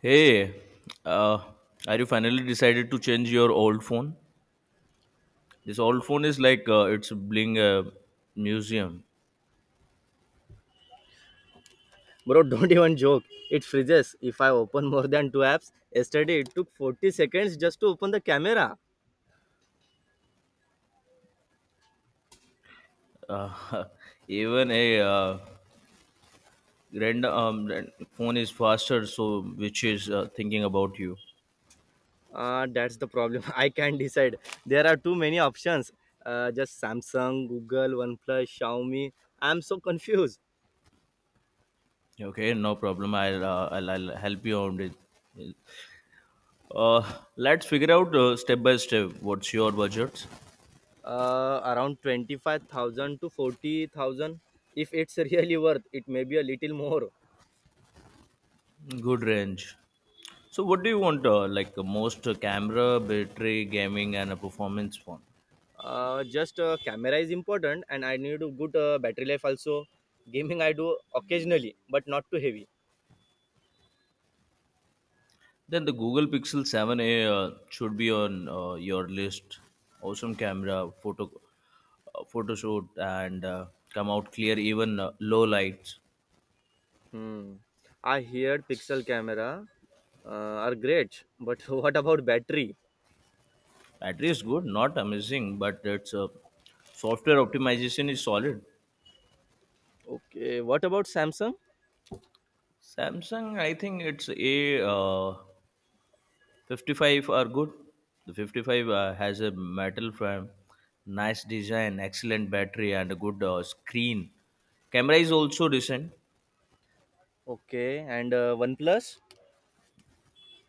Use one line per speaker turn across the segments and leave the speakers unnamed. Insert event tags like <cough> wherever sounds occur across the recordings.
Hey, uh, are you finally decided to change your old phone? This old phone is like it's being a museum.
Bro, don't even joke. It freezes if I open more than two apps. Yesterday, it took 40 seconds just to open the camera.
Uh, <laughs> Even a random phone is faster, so which is thinking about you.
That's the problem. <laughs> I can't decide. There are too many options. Just Samsung, Google, OnePlus, Xiaomi. I'm so confused.
Okay, no problem. I'll help you on it. Uh, let's figure out step by step. What's your budget?
Around 25,000 to 40,000. If it's <laughs> really worth, it may be a little more.
Good range. So, what do you want? Like most camera, battery, gaming, and a performance phone.
Just Camera is important, and I need a good battery life also. Gaming I do occasionally, but not too heavy.
Then the Google Pixel 7a should be on your list. Awesome camera, photo shoot, and come out clear even low lights.
Hmm. I heard pixel camera are great, but <laughs> what about battery?
Battery is good, not amazing, but its software optimization is solid.
Okay, what about Samsung?
Samsung, I think its A 55 are good. The 55 has a metal frame, nice design, excellent battery, and a good screen. Camera is also decent.
Okay, and OnePlus.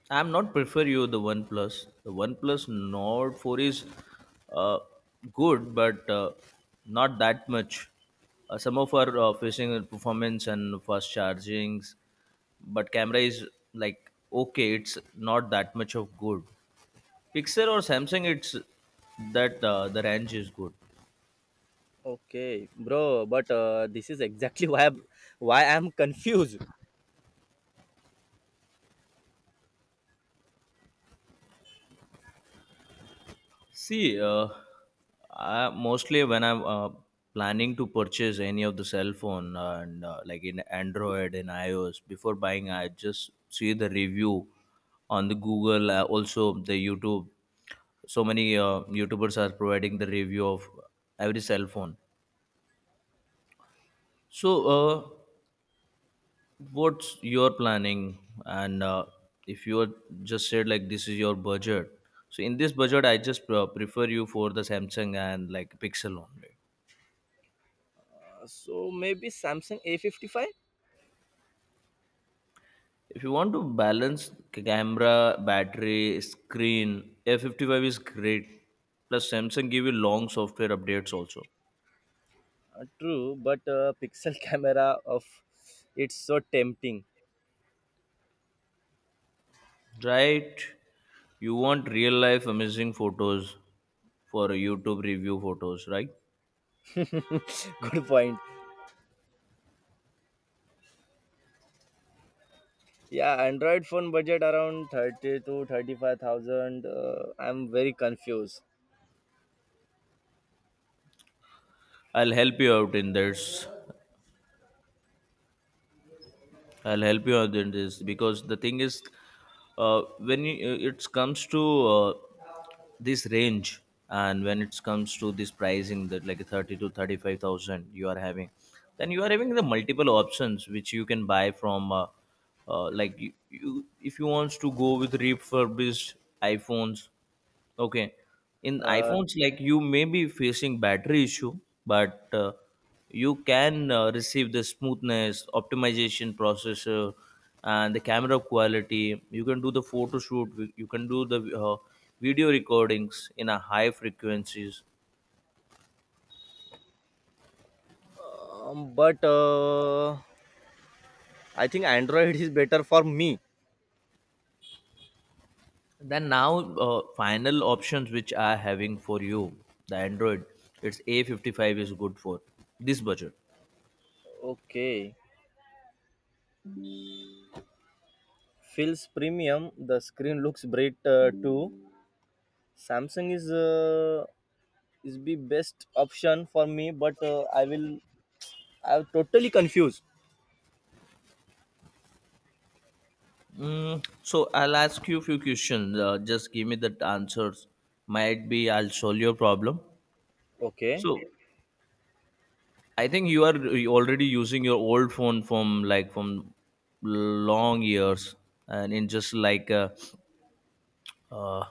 I'm not prefer you the OnePlus. The OnePlus Nord 4 is uh, good, but not that much. Some of our facing with performance and fast chargings, but camera is like okay. It's not that much of good. Pixel or Samsung, it's that the range is good.
Okay, bro, but this is exactly <laughs> why I'm confused.
See, mostly when I'm planning to purchase any of the cell phone and like in Android and iOS, before buying, I just see the review on the Google, also the YouTube. So many YouTubers are providing the review of every cell phone. So, what's your planning? And if you are just said like this is your budget, so in this budget, I just prefer you for the Samsung and like Pixel only.
So maybe Samsung A55.
If you want to balance camera, battery, screen, A55 is great. Plus Samsung give you long software updates also.
True, but pixel <laughs> camera of it's so tempting.
Right? You want real life amazing photos for YouTube review photos, right?
<laughs> Good point. Yeah, Android phone budget around thirty to thirty-five thousand. I'm very confused.
I'll help you out in this. I'll help you out in this because the thing is, it comes to uh, this range and when it comes to this pricing that like 30 to 35 thousand you are having, then you are having the multiple options which you can buy from like you if you wants to go with refurbished iPhones. Okay. In
Uh,
iPhones, like you may be facing battery issue, but you can receive the smoothness, optimization processor, and the camera quality. You can do the photo shoot. You can do the video recordings in a high frequencies.
But I think Android is better for me.
Then now, final options which are having for you, the Android, it's A55 is good for this budget.
Okay, feels premium. The screen looks bright too. Samsung is the best option for me, but I'm totally confused.
So I'll ask you a few questions. Just give me the answers. Might be I'll solve your problem.
Okay,
So I think you are already using your old phone from like from long years and in just like a uh,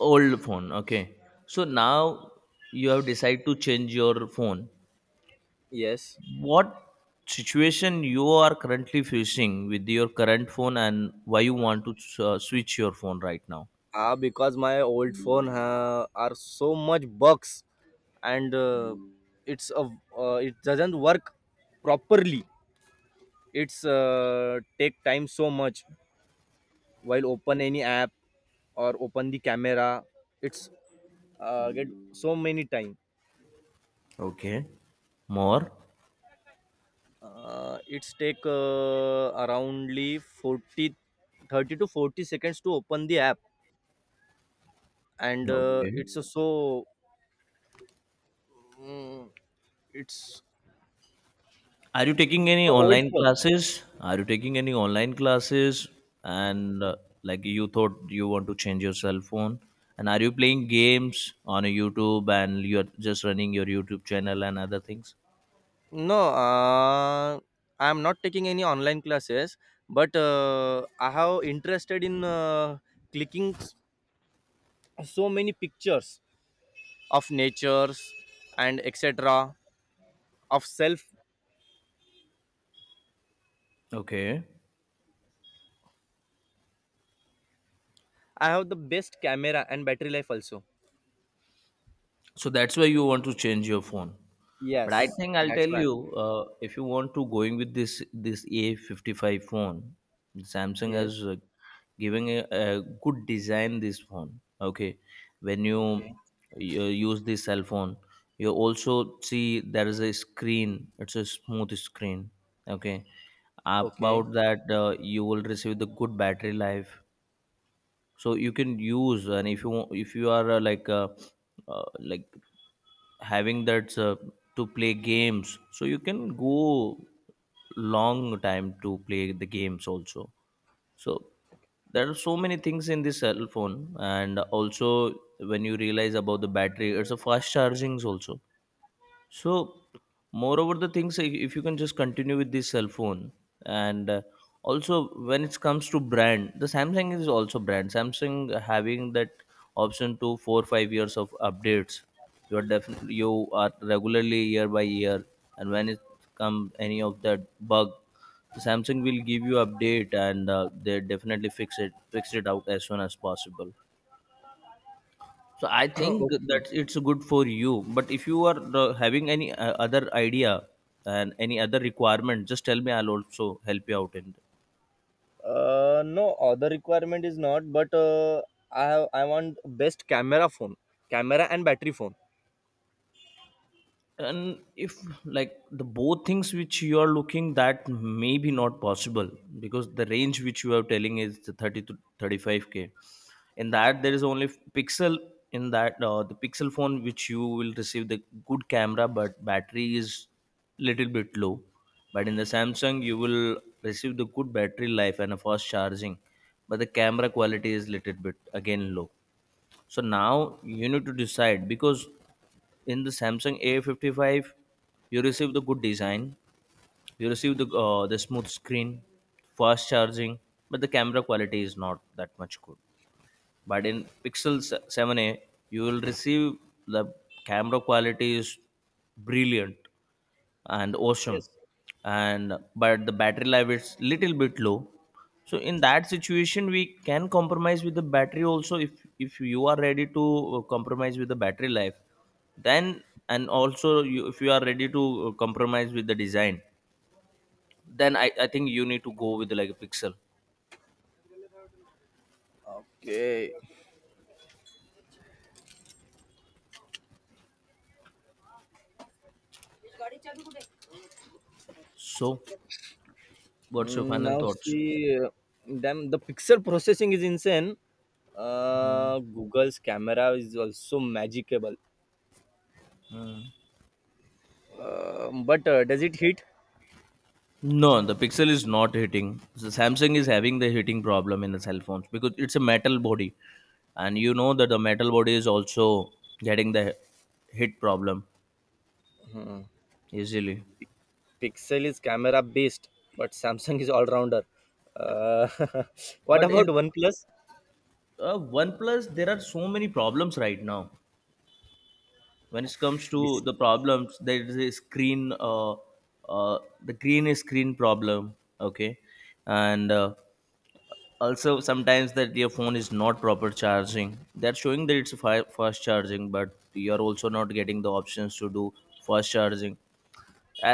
old phone. Okay. So now you have decided to change your phone.
yes.
What situation you are currently facing with your current phone and why you want to switch your phone right now?
Because my old phone are so much bugs, and it's a it doesn't work properly. It's take time so much while open any app or open the camera, it's get so many time.
Okay. More.
It's take aroundly 40 30 to 40 seconds to open the app, and
Okay.
it's a so mm, it's
Are you taking any
So old
online
phone.
classes? Are you taking any online classes? And like you thought you want to change your cell phone? And are you playing games on YouTube and you're just running your YouTube channel and other things?
No, uh, I am not taking any online classes, but I have interested in clicking so many pictures of natures, and etc of self.
Okay.
I have the best camera and battery life also.
So that's why you want to change your phone. But I
Yes.
think I'll
That's
tell
why.
you, if you want to going with this A55 phone, Samsung has
Yes.
giving a good design this phone. Okay, when you,
Okay.
you use this cell phone, you also see there is a screen. It's a smooth screen. Okay,
Okay.
about that you will receive the good battery life. So you can use, and if you are uh, like having that to play games, so you can go long time to play the games also. So there are so many things in this cell phone, and also when you realize about the battery, it's a fast chargings also. So, moreover, the things if you can just continue with this cell phone, and also when it comes to brand, the Samsung is also brand. Samsung having that option to 4 5 years of updates. You are definitely you are regularly year by year, and when it come any of that bug, Samsung will give you update, and they definitely fix it out as soon as possible. So I
<coughs> <clears throat>
think
Okay.
that it's good for you. But if you are having any other idea and any other requirement, just tell me. I'll also help you out in.
No, other requirement is not, but I want best camera phone, camera and battery phone.
And if like the both things which you are looking that may be not possible because the range which you are telling is the 30 to 35K, in that there is only pixel. In that the pixel phone which you will receive the good camera, but battery is little bit low. But in the Samsung, you will receive the good battery life and a fast charging, but the camera quality is little bit again low. So now you need to decide because in the Samsung A55, you receive the good design, you receive the smooth screen, fast charging, but the camera quality is not that much good. But in Pixel 7a, you will receive the camera quality is brilliant and awesome,
Yes.
and but the battery life is little bit low. So in that situation we can compromise with the battery also, if you are ready to compromise with the battery life, then. And also you, if you are ready to compromise with the design, then I think you need to go with like a pixel.
Okay.
So what's your final
Now
thoughts?
see, damn, the pixel processing is insane. Google's camera is also magical. But does it hit?
No, the Pixel is not hitting. So Samsung is having the hitting problem in the cell phones because it's a metal body, and you know that the metal body is also getting the hit problem easily.
Pixel is camera based, but Samsung is all rounder. Uh, <laughs> what
But
about
in
OnePlus?
OnePlus, there are so many problems right now. When it comes to
This,
the problems, there is a screen, the green screen problem. Okay, and also sometimes that your phone is not proper charging, that's showing that it's fast charging, but you're also not getting the options to do fast charging.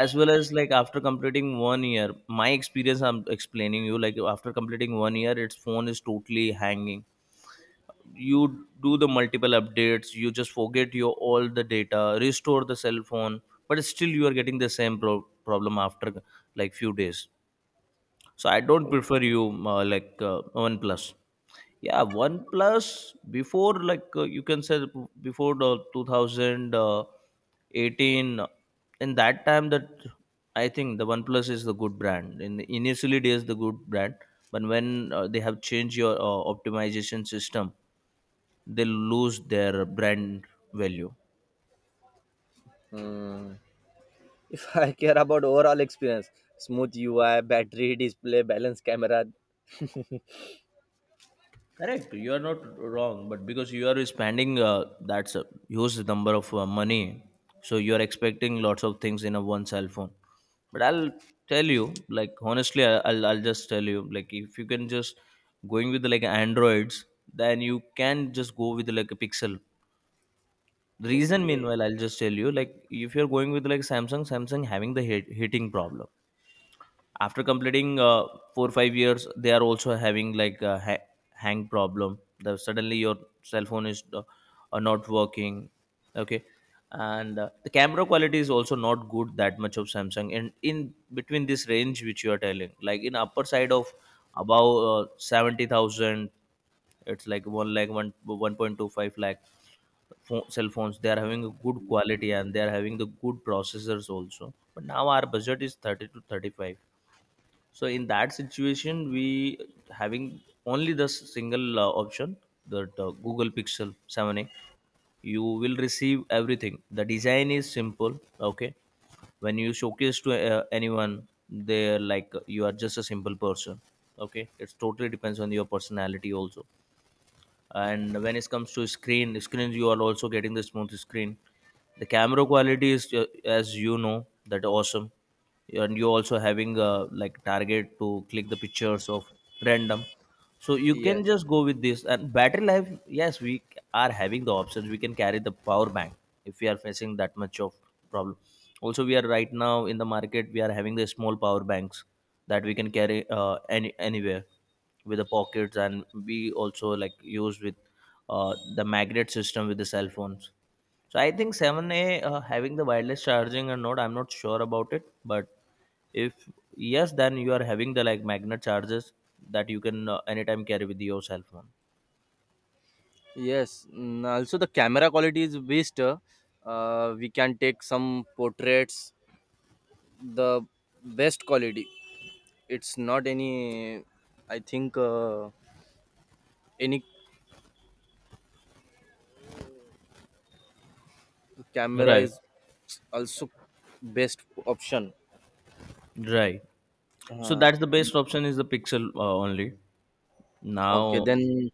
As well as like after completing 1 year, my experience I'm explaining you, like after completing 1 year, its phone is totally hanging. You do the multiple updates, you just forget your all the data, restore the cell phone, but still you are getting the same problem after like few days. So I don't prefer you like OnePlus. Yeah, OnePlus before, like you can say before the 2018, in that time that I think the OnePlus is the good brand. In initially it is the good brand, but when they have changed your optimization system, they lose their brand value.
Hmm. If I care about overall experience, smooth UI, battery, display, balance, camera.
Correct, you are not wrong, but because you are spending that's a huge number of money, so you are expecting lots of things in a one cell phone. But I'll tell you, like honestly, I'll just tell you, like if you can just going with like Androids, then you can just go with like a Pixel. The reason,
Okay.
meanwhile, I'll just tell you, like if you're going with like Samsung, Samsung having the heating problem after completing 4 or 5 years. They are also having like a hang problem, the suddenly your cell phone is not working. Okay. And the camera quality is also not good that much of Samsung. And in between this range which you are telling, like in upper side of above 70,000, it's like one 1.25 lakh phone, cell phones, they are having a good quality and they are having the good processors also. But now our budget is 30 to 35, so in that situation we having only the single option, that Google Pixel 7a, you will receive everything. The design is simple. Okay, when you showcase to anyone, they're like you are just a simple person. Okay, it's totally depends on your personality also. And when it comes to screens, you are also getting the smooth screen. The camera quality is, as you know, that awesome. And you also having like target to click the pictures of random, so you can
Yes,
just go with this. And battery life, yes, we are having the options. We can carry the power bank if we are facing that much of problem. Also we are right now in the market, we are having the small power banks that we can carry anywhere with the pockets, and we also like use with the magnet system with the cell phones. So I think 7a having the wireless charging or not, I'm not sure about it, but if yes then you are having the like magnet charges that you can anytime carry with your cell phone.
yes. Also, the camera quality is best. We can take some portraits, the best quality. It's not any, I think, any camera
Right.
is also best option.
Right. So
Uh,
that's the best option is the pixel only
okay,
now.
then. Mhm.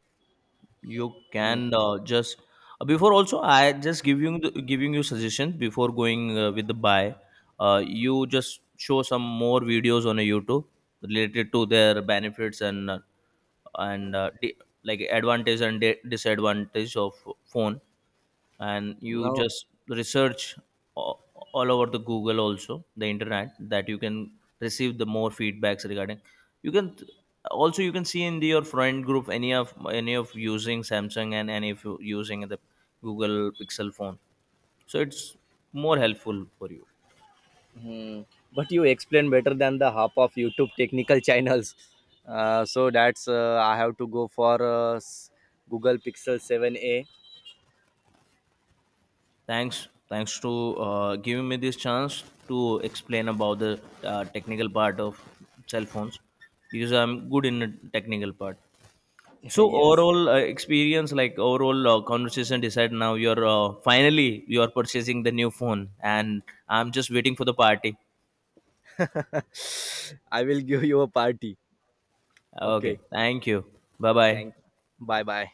You can just before also, I just giving giving you suggestions before going with the buy. You just show some more videos on a YouTube related to their benefits and and uh, di- like advantage and disadvantage of phone. And you
Now.
just research a- all over the Google, also the internet, that you can receive the more feedbacks regarding. You can also, you can see in your friend group, any of using Samsung and any of you using the Google Pixel phone, so it's more helpful for you.
Mhm. But you explain better than the half of YouTube technical <laughs> channels. So that's I have to go for Google Pixel 7a.
Thanks to giving me this chance to explain about the technical part of cell phones because I'm good in the technical part.
<laughs>
So
Yes.
overall experience, like overall conversation, decide now you're finally you are purchasing the new phone, and I'm just waiting for the party.
<laughs> I will give you a party.
Okay,
Okay,
thank you. Bye bye.
thank. Bye bye.